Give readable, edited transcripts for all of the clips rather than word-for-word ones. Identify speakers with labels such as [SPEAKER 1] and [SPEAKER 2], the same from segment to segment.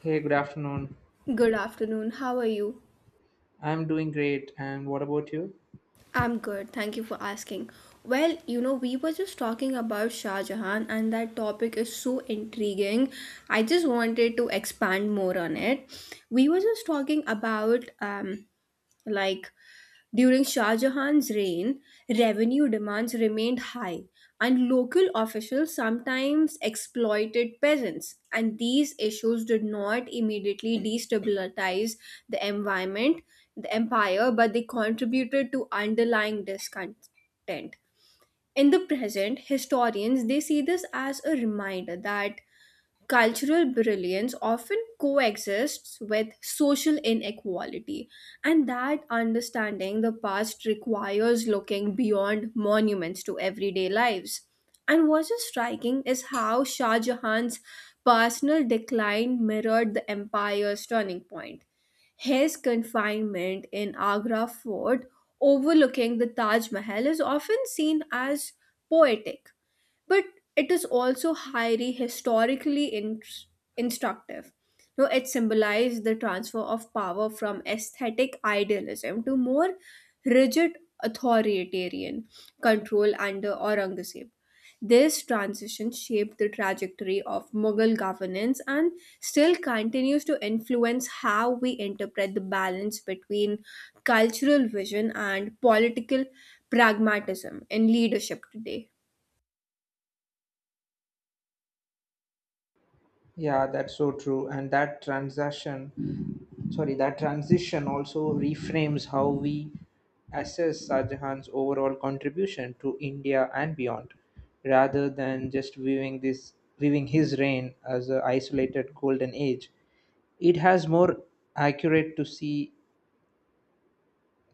[SPEAKER 1] Hey, good afternoon.
[SPEAKER 2] Good afternoon. How are you?
[SPEAKER 1] I'm doing great. And what about you?
[SPEAKER 2] I'm good. Thank you for asking. Well, you know, we were just talking about Shah Jahan, and that topic is so intriguing. I just wanted to expand more on it. We were just talking about like during Shah Jahan's reign, revenue demands remained high, and local officials sometimes exploited peasants. And these issues did not immediately destabilize the environment, the empire, but they contributed to underlying discontent. In the present, historians they see this as a reminder that cultural brilliance often coexists with social inequality, and that understanding the past requires looking beyond monuments to everyday lives. And what is striking is how Shah Jahan's personal decline mirrored the empire's turning point. His confinement in Agra fort overlooking the Taj Mahal is often seen as poetic, but it is also highly historically instructive. No, it symbolized the transfer of power from aesthetic idealism to more rigid authoritarian control under Aurangzeb. This transition shaped the trajectory of Mughal governance and still continues to influence how we interpret the balance between cultural vision and political pragmatism in leadership today.
[SPEAKER 1] Yeah, that's so true. And that transaction, sorry, that transition also reframes how we assess Shahjahan's overall contribution to India and beyond, rather than just viewing this viewing his reign as an isolated golden age. It has more accurate to see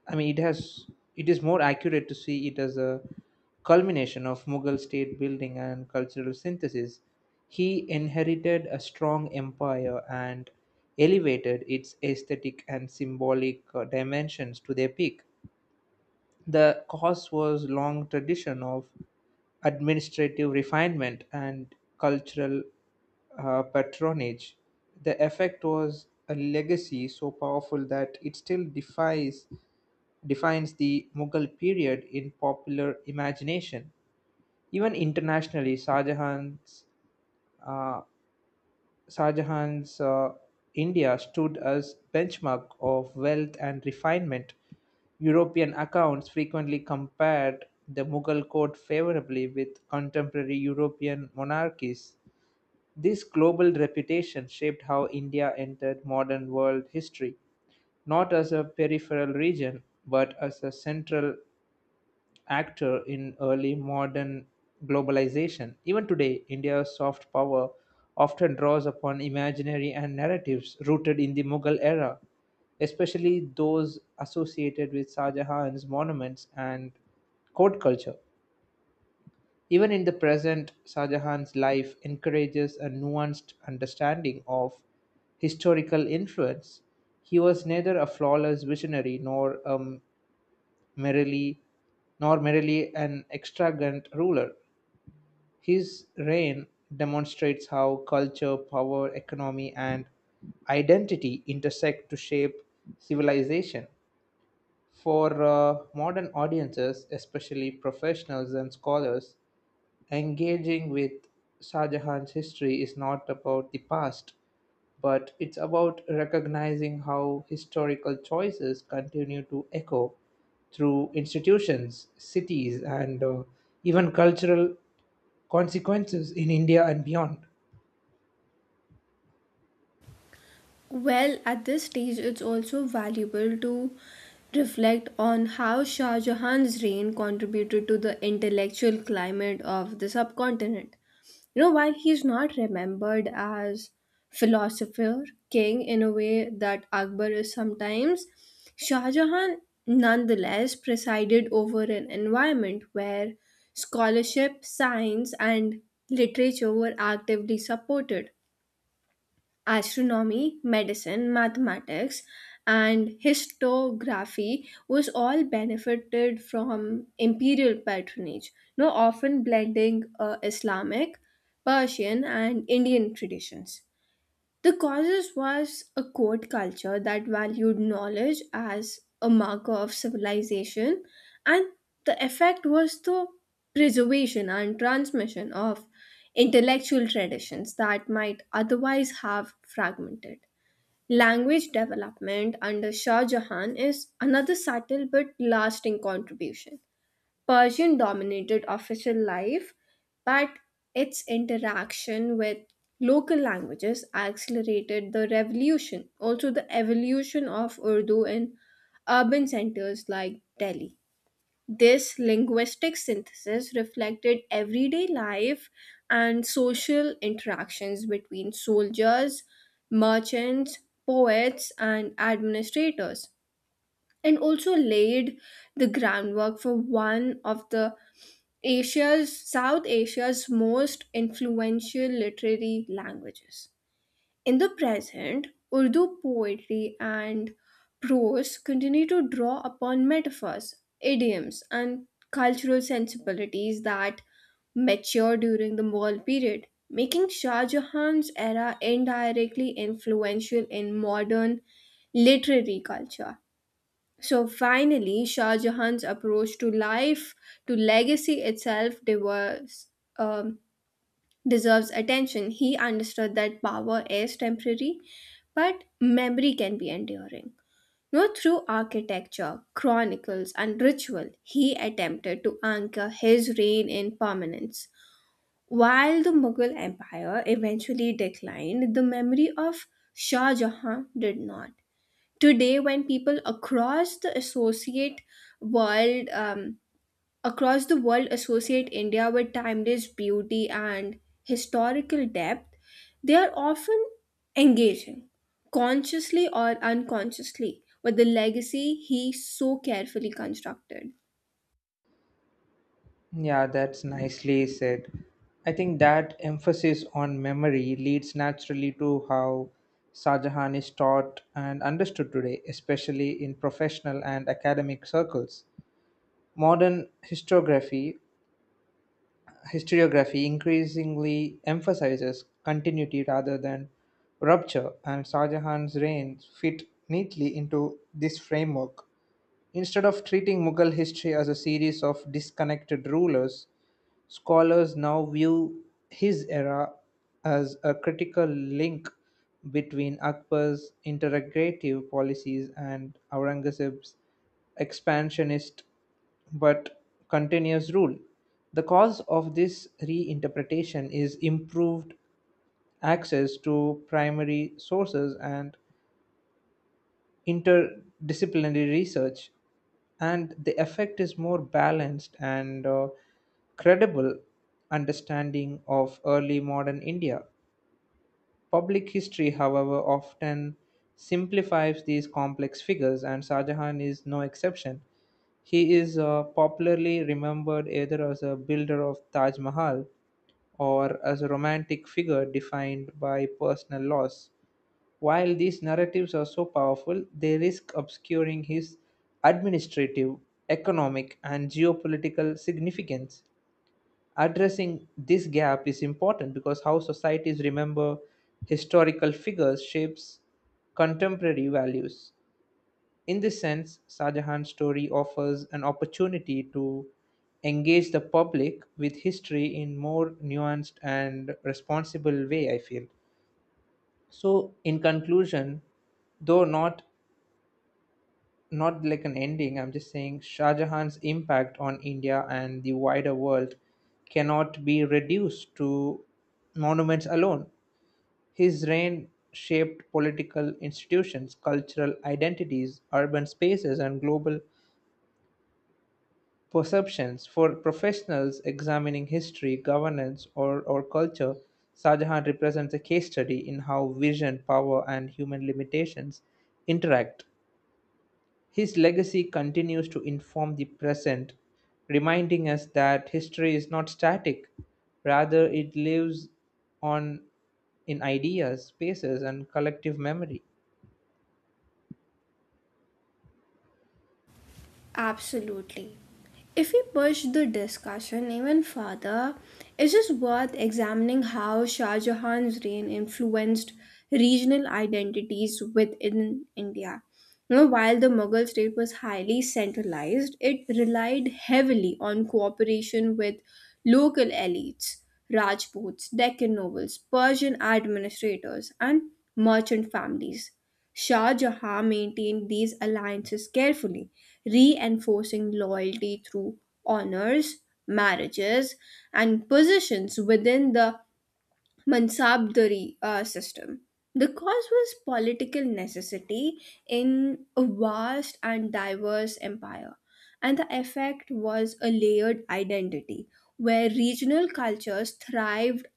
[SPEAKER 1] I mean, it has it is more accurate to see it as a culmination of Mughal state building and cultural synthesis. He inherited a strong empire and elevated its aesthetic and symbolic dimensions to their peak. The cause was long tradition of administrative refinement and cultural patronage. The effect was a legacy so powerful that it still defies defines the Mughal period in popular imagination. Even internationally, uh, Shah Jahan's India stood as benchmark of wealth and refinement. European accounts frequently compared the Mughal court favorably with contemporary European monarchies. This global reputation shaped how India entered modern world history, not as a peripheral region, but as a central actor in early modern globalization. Even today, India's soft power often draws upon imaginary and narratives rooted in the Mughal era, especially those associated with Shah Jahan's monuments and court culture. Even in the present, Shah Jahan's life encourages a nuanced understanding of historical influence. He was neither a flawless visionary merely nor merely an extravagant ruler. His reign demonstrates how culture, power, economy, and identity intersect to shape civilization. For modern audiences, especially professionals and scholars, engaging with Shah Jahan's history is not about the past but it's about recognizing how historical choices continue to echo through institutions, cities, and even cultural consequences in India and beyond.
[SPEAKER 2] Well, at this stage, it's also valuable to reflect on how Shah Jahan's reign contributed to the intellectual climate of the subcontinent. You know, while he's not remembered as philosopher, king in a way that Akbar is sometimes, Shah Jahan nonetheless presided over an environment where scholarship, science, and literature were actively supported astronomy, medicine, mathematics, and histography was all benefited from imperial patronage, you know, often blending Islamic, Persian, and Indian traditions. The causes was a court culture that valued knowledge as a marker of civilization, and the effect was the preservation and transmission of intellectual traditions that might otherwise have fragmented. Language development under Shah Jahan is another subtle but lasting contribution. Persian dominated official life, but its interaction with local languages accelerated the revolution, also the evolution of Urdu in urban centers like Delhi. This linguistic synthesis reflected everyday life and social interactions between soldiers, merchants, poets, and administrators, and also laid the groundwork for one of the Asia's South Asia's most influential literary languages. In the present, Urdu poetry and prose continue to draw upon metaphors, idioms, and cultural sensibilities that matured during the Mughal period, making Shah Jahan's era indirectly influential in modern literary culture. So finally, Shah Jahan's approach to life, to legacy itself, deserves, um, deserves attention. He understood that power is temporary, but memory can be enduring. No, through architecture, chronicles, and ritual, he attempted to anchor his reign in permanence. While the Mughal Empire eventually declined, the memory of Shah Jahan did not today when people world um, across the world associate India with timeless beauty and historical depth, they are often engaging, consciously or unconsciously, with the legacy he so carefully constructed.
[SPEAKER 1] Yeah, that's nicely said. I think that emphasis on memory leads naturally to how Shah Jahan is taught and understood today, especially in professional and academic circles. Modern historiography increasingly emphasizes continuity rather than rupture, and Shah Jahan's reign fit neatly into this framework. Instead of treating Mughal history as a series of disconnected rulers, scholars now view his era as a critical link between Akbar's integrative policies and Aurangzeb's expansionist but continuous rule. The cause of this reinterpretation is improved access to primary sources and interdisciplinary research, and the effect is more balanced and credible understanding of early modern India. Public history, however, often simplifies these complex figures, and Shah Jahan is no exception. He is popularly remembered either as a builder of Taj Mahal or as a romantic figure defined by personal loss. While these narratives are so powerful, they risk obscuring his administrative, economic, and geopolitical significance. Addressing this gap is important because how societies remember historical figures shapes contemporary values. In this sense, Shah Jahan's story offers an opportunity to engage the public with history in more nuanced and responsible way, I feel. So, in conclusion, though not like an ending, I'm just saying Shah Jahan's impact on India and the wider world cannot be reduced to monuments alone. His reign shaped political institutions, cultural identities, urban spaces and global perceptions. For professionals examining history, governance or culture, Shah Jahan represents a case study in how vision, power and human limitations interact. His legacy continues to inform the present, reminding us that history is not static, rather, it lives on in ideas, spaces, and collective memory.
[SPEAKER 2] Absolutely. If we push the discussion even further, it is worth examining how Shah Jahan's reign influenced regional identities within India. You know, while the Mughal state was highly centralized, it relied heavily on cooperation with local elites, Rajputs, Deccan nobles, Persian administrators, and merchant families. Shah Jahan maintained these alliances carefully, reinforcing loyalty through honors, marriages, and positions within the Mansabdari system. The cause was political necessity in a vast and diverse empire, and the effect was a layered identity where regional cultures thrived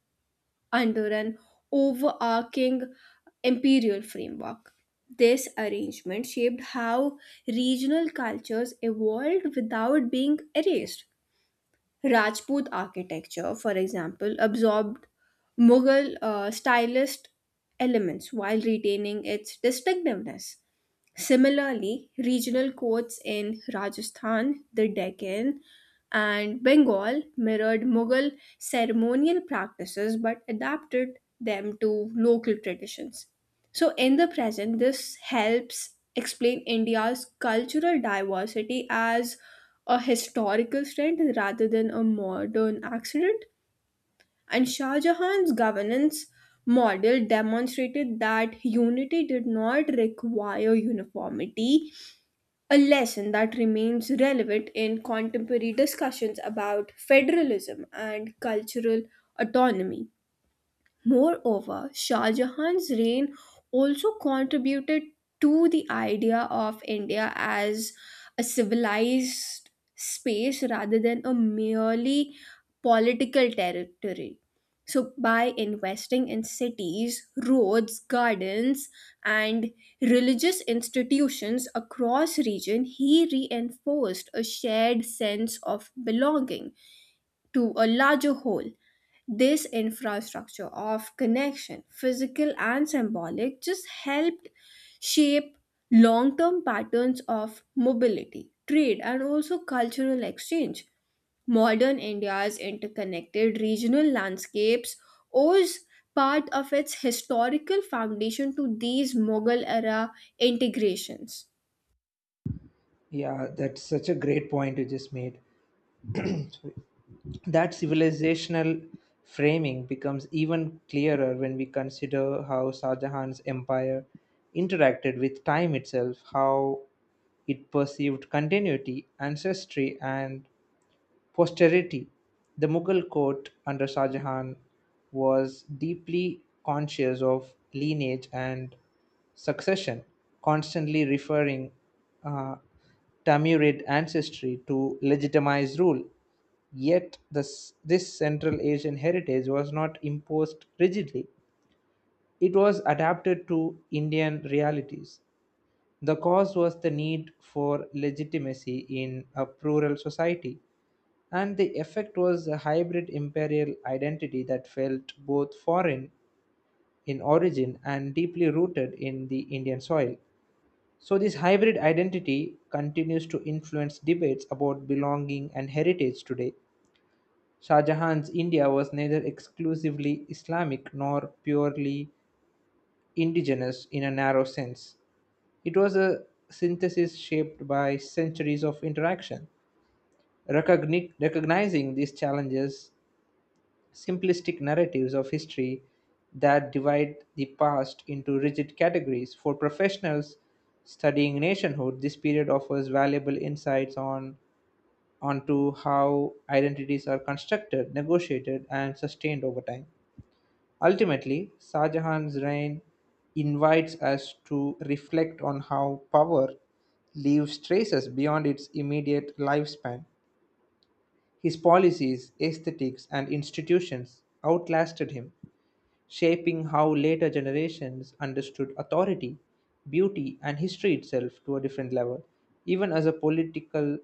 [SPEAKER 2] under an overarching imperial framework. This arrangement shaped how regional cultures evolved without being erased. Rajput architecture, for example, absorbed Mughal stylist elements while retaining its distinctiveness. Similarly, regional courts in Rajasthan, the Deccan, and Bengal mirrored Mughal ceremonial practices but adapted them to local traditions. So, in the present, this helps explain India's cultural diversity as a historical strength rather than a modern accident. And Shah Jahan's governance model demonstrated that unity did not require uniformity, a lesson that remains relevant in contemporary discussions about federalism and cultural autonomy. Moreover, Shah Jahan's reign also contributed to the idea of India as a civilized space rather than a merely political territory. So, by investing in cities, roads, gardens, and religious institutions across region, he reinforced a shared sense of belonging to a larger whole. This infrastructure of connection, physical and symbolic, just helped shape long term patterns of mobility, trade, and also cultural exchange. Modern India's interconnected regional landscapes owes part of its historical foundation to these Mughal era integrations.
[SPEAKER 1] Yeah, that's such a great point you just made. That civilizational framing becomes even clearer when we consider how Shah Jahan's empire interacted with time itself, how it perceived continuity, ancestry, and posterity. The Mughal court under Shah Jahan was deeply conscious of lineage and succession, constantly referring uh, Tamurid ancestry to legitimize rule. Yet, this Central Asian heritage was not imposed rigidly, it was adapted to Indian realities. The cause was the need for legitimacy in a plural society, and the effect was a hybrid imperial identity that felt both foreign in origin and deeply rooted in the Indian soil. So, this hybrid identity continues to influence debates about belonging and heritage today. Shah Jahan's India was neither exclusively Islamic nor purely indigenous in a narrow sense. It was a synthesis shaped by centuries of interaction. Recognizing these challenges simplistic narratives of history that divide the past into rigid categories. For professionals studying nationhood, this period offers valuable insights on onto how identities are constructed, negotiated, and sustained over time. Ultimately, Shah Jahan's reign invites us to reflect on how power leaves traces beyond its immediate lifespan. His policies, aesthetics, and institutions outlasted him, shaping how later generations understood authority, beauty, and history itself to a different level. Even as a political,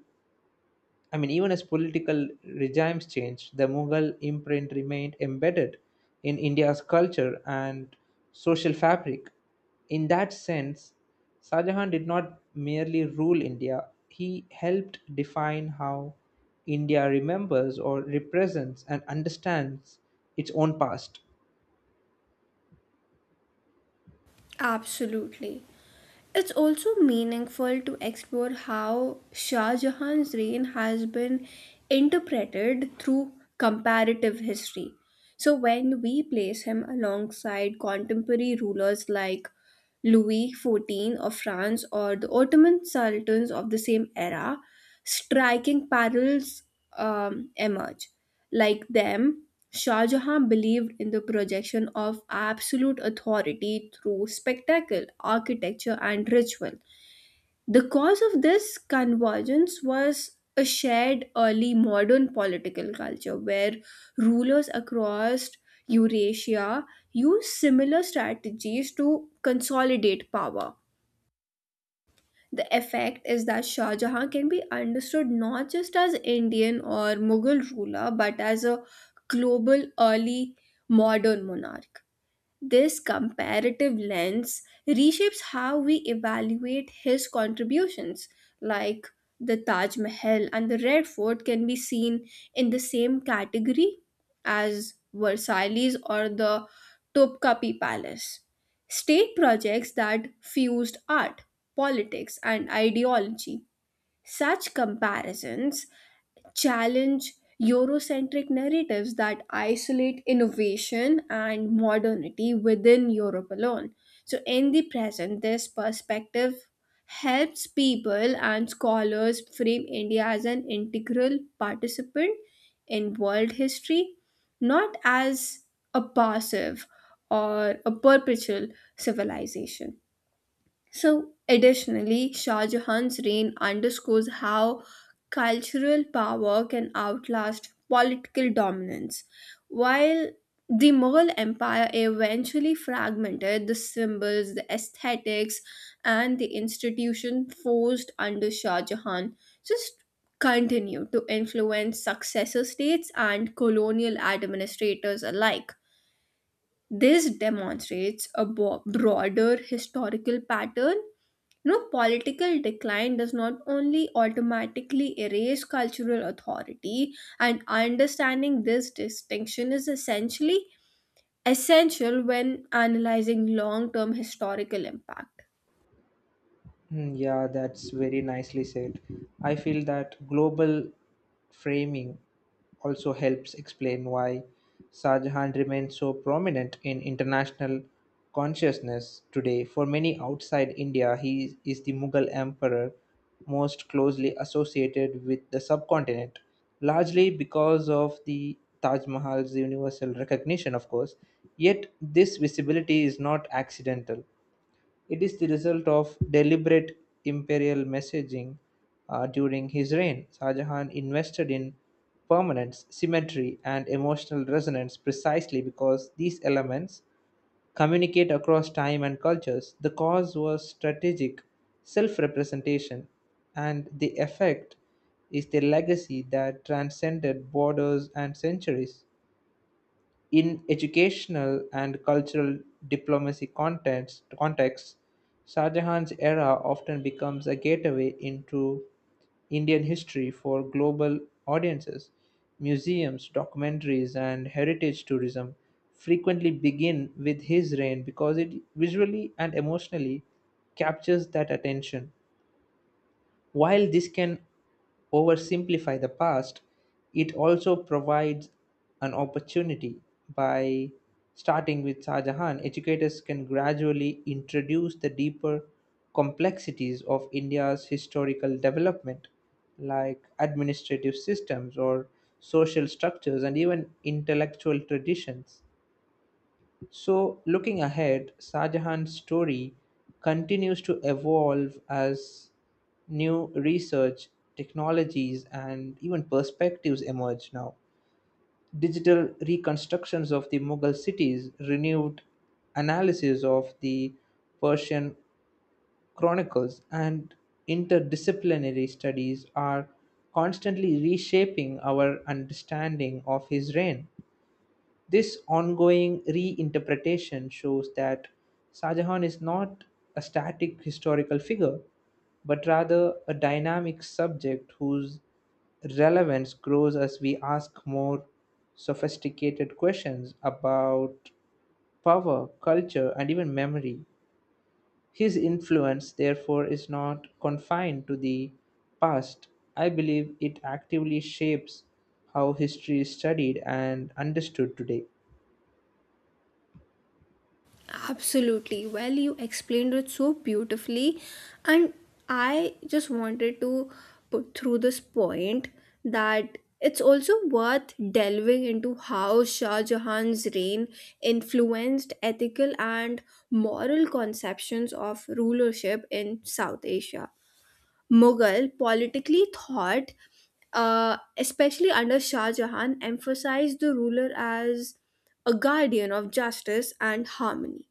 [SPEAKER 1] Even as political regimes changed, the Mughal imprint remained embedded in India's culture and social fabric. In that sense, Shah Jahan did not merely rule India, he helped define how India remembers or represents and understands its own past.
[SPEAKER 2] Absolutely. It's also meaningful to explore how Shah Jahan's reign has been interpreted through comparative history. So, when we place him alongside contemporary rulers like Louis XIV of France or the Ottoman sultans of the same era, striking parallels emerge. Like them, Shah Jahan believed in the projection of absolute authority through spectacle, architecture, and ritual. The cause of this convergence was a shared early modern political culture where rulers across Eurasia used similar strategies to consolidate power. The effect is that Shah Jahan can be understood not just as Indian or Mughal ruler but as a global early modern monarch. This comparative lens reshapes how we evaluate his contributions, like the Taj Mahal and the Red Fort can be seen in the same category as Versailles or the Topkapi Palace. State projects that fused art, politics, and ideology. Such comparisons challenge Eurocentric narratives that isolate innovation and modernity within Europe alone. So, in the present, this perspective helps people and scholars frame India as an integral participant in world history, not as a passive or a perpetual civilization. So, additionally, Shah Jahan's reign underscores how cultural power can outlast political dominance. While the Mughal Empire eventually fragmented, the symbols, the aesthetics, and the institution forced under Shah Jahan just continued to influence successor states and colonial administrators alike. This demonstrates a broader historical pattern, you know, political decline does not only automatically erase cultural authority, and understanding this distinction is essential when analyzing long term historical impact.
[SPEAKER 1] Hmm, yeah, that's very nicely said. I feel that global framing also helps explain why Shah Jahan remains so prominent in international consciousness today. For many outside India, he is the Mughal emperor most closely associated with the subcontinent, largely because of the Taj Mahal's universal recognition, of course. Yet, this visibility is not accidental. It is the result of deliberate imperial messaging. During his reign, Shah Jahan invested in permanence, symmetry, and emotional resonance precisely because these elements communicate across time and cultures. The cause was strategic self representation, and the effect is the legacy that transcended borders and centuries. In educational and cultural diplomacy contexts, Shah Jahan's era often becomes a gateway into Indian history for global audiences. Museums, documentaries, and heritage tourism frequently begin with his reign because it visually and emotionally captures that attention. While this can oversimplify the past, it also provides an opportunity. By starting with Shah Jahan, educators can gradually introduce the deeper complexities of India's historical development, like administrative systems or social structures and even intellectual traditions. So, looking ahead, Shah Jahan's story continues to evolve as new research, technologies, and even perspectives emerge now. Digital reconstructions of the Mughal cities, renewed analysis of the Persian chronicles, and interdisciplinary studies are constantly reshaping our understanding of his reign. This ongoing reinterpretation shows that Shah Jahan is not a static historical figure, but rather a dynamic subject whose relevance grows as we ask more sophisticated questions about power, culture, and even memory. His influence, therefore, is not confined to the past. I believe it actively shapes how history is studied and understood today.
[SPEAKER 2] Absolutely. Well, you explained it so beautifully. And I just wanted to put through this point that it's also worth delving into how Shah Jahan's reign influenced ethical and moral conceptions of rulership in South Asia. Mughal politically thought, especially under Shah Jahan, emphasized the ruler as a guardian of justice and harmony.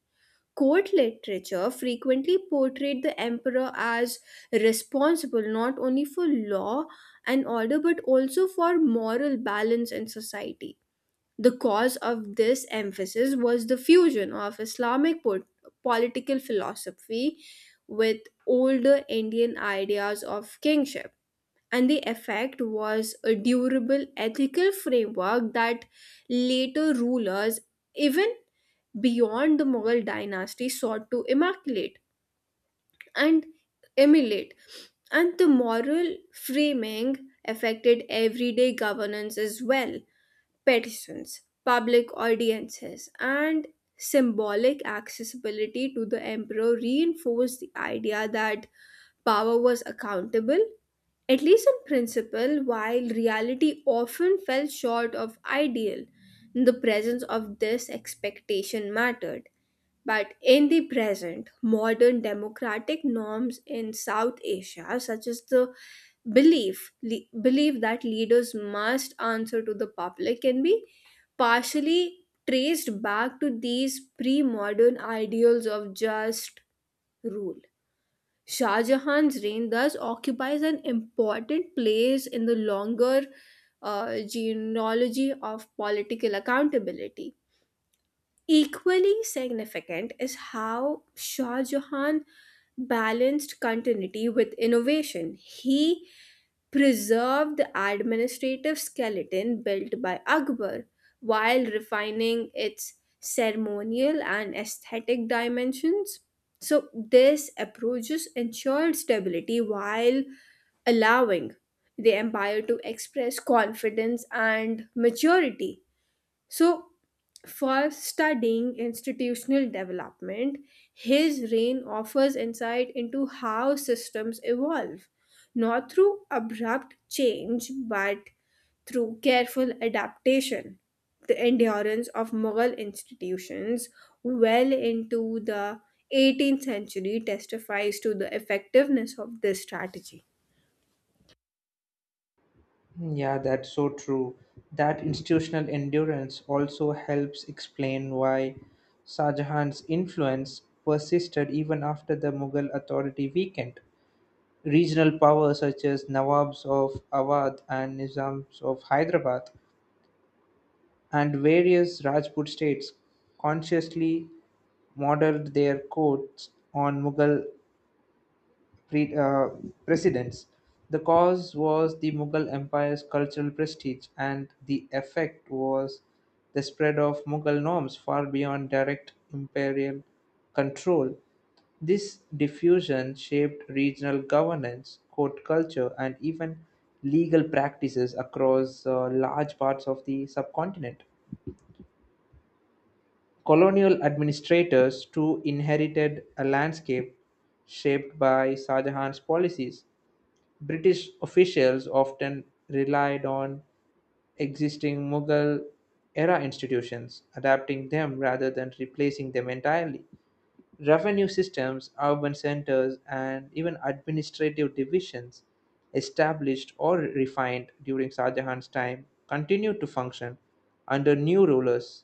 [SPEAKER 2] Court literature frequently portrayed the emperor as responsible not only for law and order but also for moral balance in society. The cause of this emphasis was the fusion of Islamic political philosophy with older Indian ideas of kingship, and the effect was a durable ethical framework that later rulers, even beyond the Mughal dynasty, sought to immaculate and emulate. And the moral framing affected everyday governance as well. Petitions, public audiences, and symbolic accessibility to the emperor reinforced the idea that power was accountable, at least in principle, while reality often fell short of ideal, the presence of this expectation mattered. But in the present, modern democratic norms in South Asia, such as the belief that leaders must answer to the public, can be partially traced back to these pre-modern ideals of just rule. Shah Jahan's reign thus occupies an important place in the longer genealogy of political accountability. Equally significant is how Shah Jahan balanced continuity with innovation. He preserved the administrative skeleton built by Akbar while refining its ceremonial and aesthetic dimensions. So, this approaches ensured stability while allowing the empire to express confidence and maturity. So, for studying institutional development, his reign offers insight into how systems evolve, not through abrupt change, but through careful adaptation. The endurance of Mughal institutions well into the 18th century testifies to the effectiveness of this strategy.
[SPEAKER 1] Yeah, that's so true. That institutional endurance also helps explain why Shah Jahan's influence persisted even after the Mughal authority weakened. Regional powers such as Nawabs of Awadh and Nizams of Hyderabad and various Rajput states consciously modeled their codes on Mughal pre- uh, precedents. The cause was the Mughal Empire's cultural prestige, and the effect was the spread of Mughal norms far beyond direct imperial control. This diffusion shaped regional governance, court culture, and even legal practices across large parts of the subcontinent. Colonial administrators too inherited a landscape shaped by Shah Jahan's policies. British officials often relied on existing Mughal-era institutions, adapting them rather than replacing them entirely. Revenue systems, urban centers, and even administrative divisions established or refined during Shah Jahan's time continued to function under new rulers.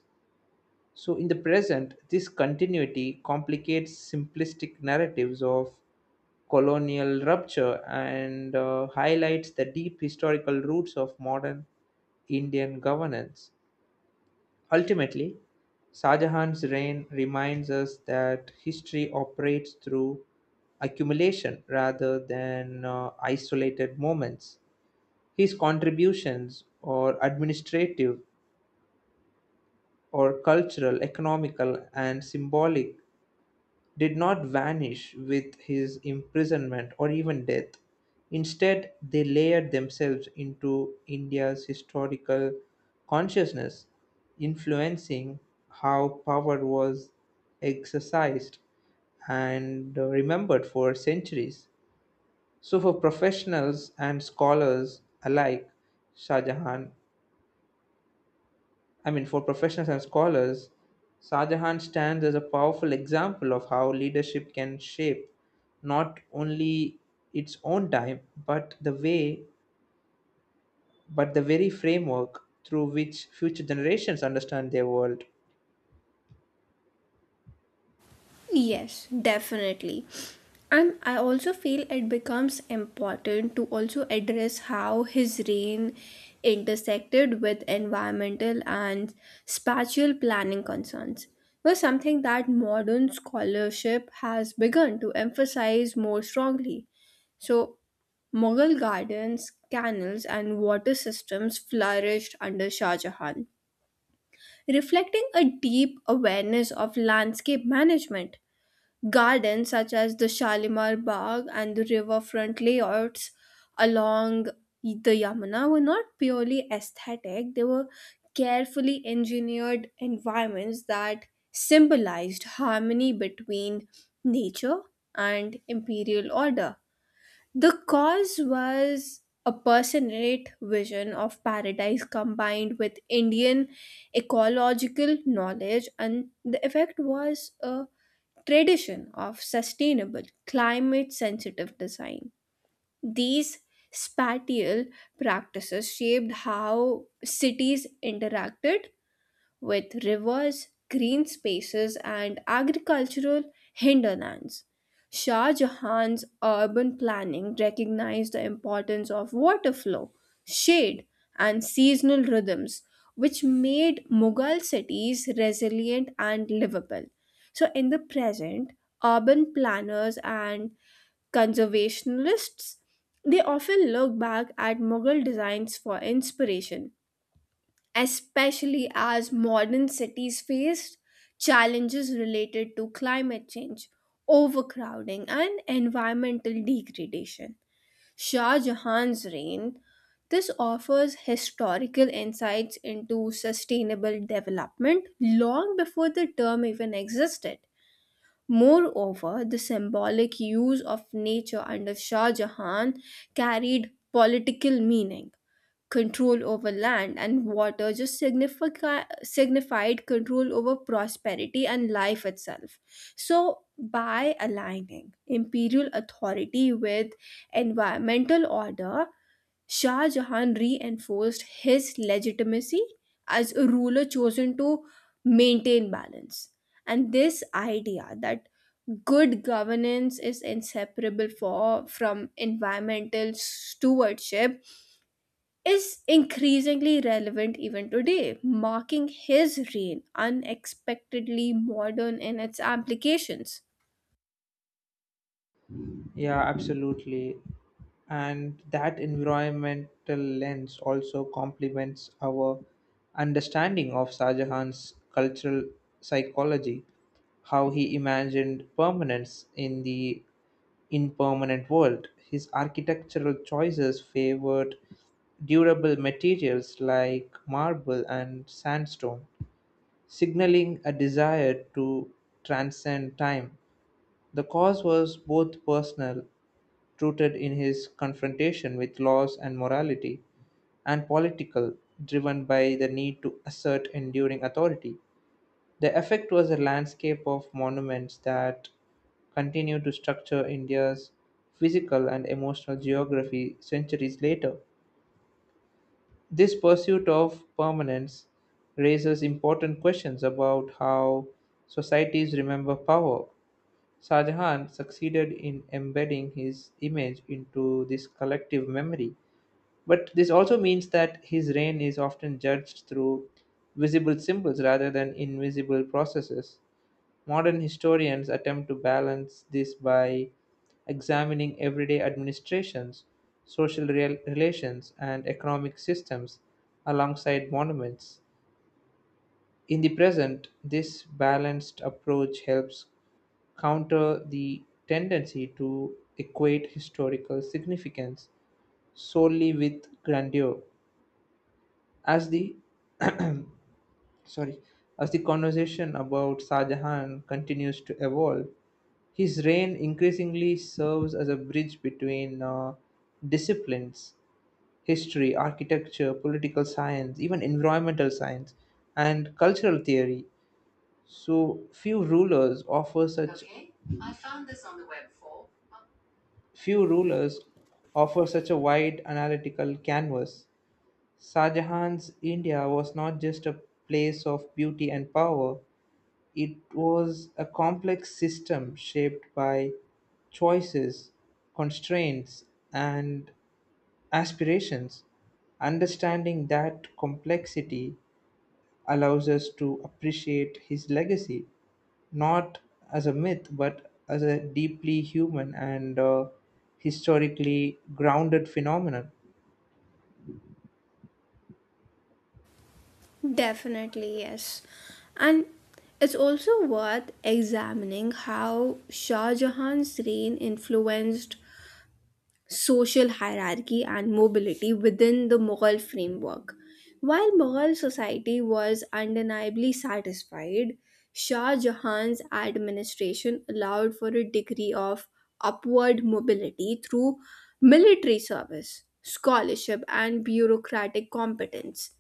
[SPEAKER 1] So, in the present, this continuity complicates simplistic narratives of colonial rupture and highlights the deep historical roots of modern Indian governance. Ultimately, Shah Jahan's reign reminds us that history operates through accumulation rather than isolated moments. His contributions, or administrative, or cultural, economical, and symbolic, did not vanish with his imprisonment or even death. Instead, they layered themselves into India's historical consciousness, influencing how power was exercised and remembered for centuries. So, for professionals and scholars alike, Shah Jahan I mean, for professionals and scholars, Shah Jahan stands as a powerful example of how leadership can shape not only its own time, but but the very framework through which future generations understand their world.
[SPEAKER 2] Yes, definitely. And I also feel it becomes important to also address how his reign intersected with environmental and spatial planning concerns, was something that modern scholarship has begun to emphasize more strongly. So, Mughal gardens, canals, and water systems flourished under Shah Jahan, reflecting a deep awareness of landscape management. Gardens such as the Shalimar Bagh and the riverfront layouts along the Yamuna were not purely aesthetic, they were carefully engineered environments that symbolized harmony between nature and imperial order. The cause was a personate vision of paradise combined with Indian ecological knowledge, and the effect was a tradition of sustainable, climate sensitive design. These spatial practices shaped how cities interacted with rivers, green spaces, and agricultural hinterlands. Shah Jahan's urban planning recognized the importance of water flow, shade, and seasonal rhythms, which made Mughal cities resilient and livable. So, in the present, urban planners and conservationists they often look back at Mughal designs for inspiration, especially as modern cities face challenges related to climate change, overcrowding, and environmental degradation. Shah Jahan's reign this offers historical insights into sustainable development long before the term even existed. Moreover, the symbolic use of nature under Shah Jahan carried political meaning, control over land and water just signified control over prosperity and life itself. So, by aligning imperial authority with environmental order, Shah Jahan reinforced his legitimacy as a ruler chosen to maintain balance. And this idea that good governance is inseparable from environmental stewardship is increasingly relevant even today, marking his reign unexpectedly modern in its applications.
[SPEAKER 1] Yeah, absolutely. And that environmental lens also complements our understanding of Shah Jahan's cultural psychology, how he imagined permanence in the Impermanent World. His architectural choices favored durable materials like marble and sandstone, signaling a desire to transcend time. The cause was both personal, rooted in his confrontation with laws and morality, and political, driven by the need to assert enduring authority. The effect was a landscape of monuments that continue to structure India's physical and emotional geography centuries later. This pursuit of permanence raises important questions about how societies remember power. Shah Jahan succeeded in embedding his image into this collective memory, but this also means that his reign is often judged through visible symbols rather than invisible processes. Modern historians attempt to balance this by examining everyday administrations, relations, and economic systems alongside monuments. In the present, this balanced approach helps counter the tendency to equate historical significance solely with grandeur. As the sorry, as the conversation about Shah Jahan continues to evolve, his reign increasingly serves as a bridge between disciplines: history, architecture, political science, even environmental science, and cultural theory. So few rulers offer such Few rulers offer such a wide analytical canvas. Shah Jahan's India was not just a place of beauty and power, it was a complex system shaped by choices, constraints, and aspirations. Understanding that complexity allows us to appreciate his legacy, not as a myth, but as a deeply human and historically grounded phenomenon.
[SPEAKER 2] Definitely, yes. And it's also worth examining how Shah Jahan's reign influenced social hierarchy and mobility within the Mughal framework. While Mughal society was undeniably satisfied, Shah Jahan's administration allowed for a degree of upward mobility through military service, scholarship, and bureaucratic competence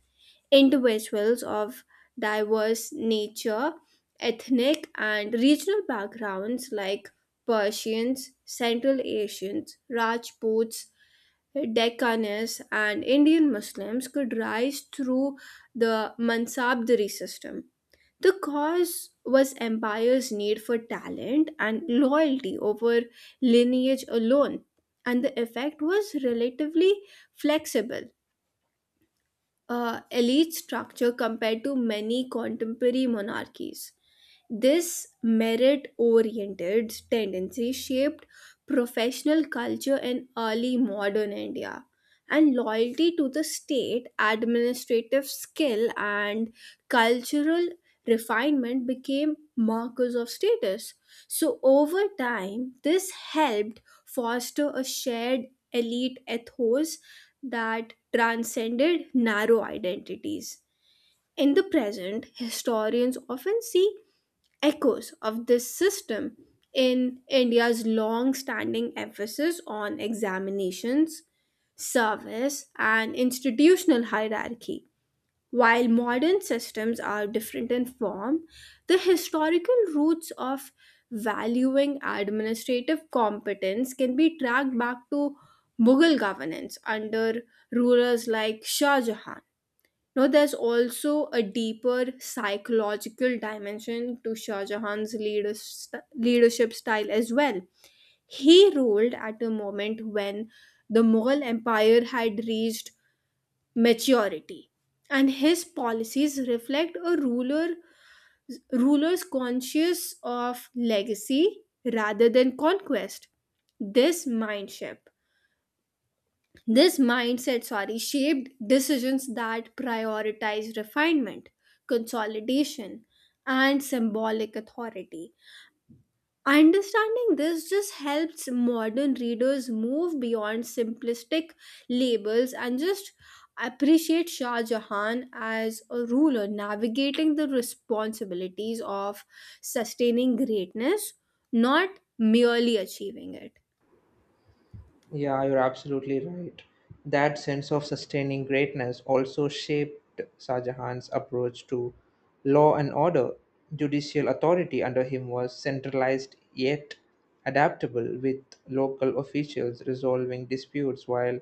[SPEAKER 2] individuals of diverse nature, ethnic, and regional backgrounds like Persians, Central Asians, Rajputs, Deccanese, and Indian Muslims could rise through the Mansabdari system. The cause was empire's need for talent and loyalty over lineage alone, and the effect was relatively flexible elite structure compared to many contemporary monarchies. This merit oriented tendency shaped professional culture in early modern India, and loyalty to the state, administrative skill, and cultural refinement became markers of status. So, over time, this helped foster a shared elite ethos that transcended narrow identities. In the present, historians often see echoes of this system in India's long standing emphasis on examinations, service, and institutional hierarchy. While modern systems are different in form, the historical roots of valuing administrative competence can be tracked back to Mughal governance under rulers like Shah Jahan. Now, there's also a deeper psychological dimension to Shah Jahan's leadership style as well. He ruled at a moment when the Mughal Empire had reached maturity and his policies reflect a ruler's conscious of legacy rather than conquest. This mindset this mindset sorry shaped decisions that prioritize refinement, consolidation, and symbolic authority. Understanding this just helps modern readers move beyond simplistic labels and just appreciate Shah Jahan as a ruler navigating the responsibilities of sustaining greatness, not merely achieving it.
[SPEAKER 1] Yeah, you're absolutely right. That sense of sustaining greatness also shaped Shah Jahan's approach to law and order. Judicial authority under him was centralized yet adaptable, with local officials resolving disputes while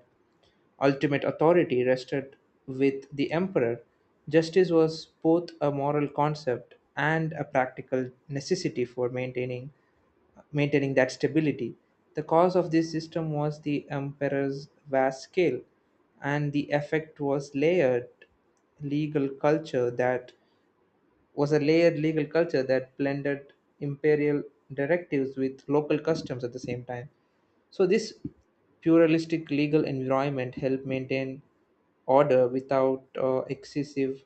[SPEAKER 1] ultimate authority rested with the emperor. Justice was both a moral concept and a practical necessity for maintaining that stability. The cause of this system was the emperor's vast scale, and the effect was layered legal culture that was a layered legal culture that blended imperial directives with local customs at the same time. So this pluralistic legal environment helped maintain order without excessive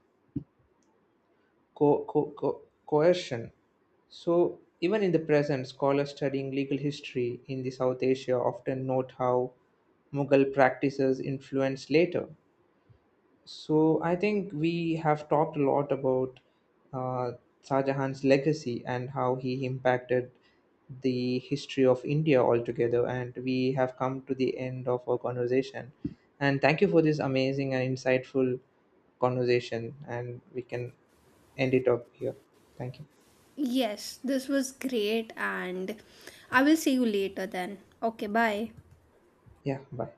[SPEAKER 1] co- co- co- coercion. So, even in the present, scholars studying legal history in the South Asia often note how Mughal practices influenced later. So, I think we have talked a lot about uh, Shah Jahan's legacy and how he impacted the history of India altogether. And we have come to the end of our conversation. And thank you for this amazing and insightful conversation. And we can end it up here. Thank you.
[SPEAKER 2] Yes, this was great, and I will see you later then. Okay, bye.
[SPEAKER 1] Yeah, bye.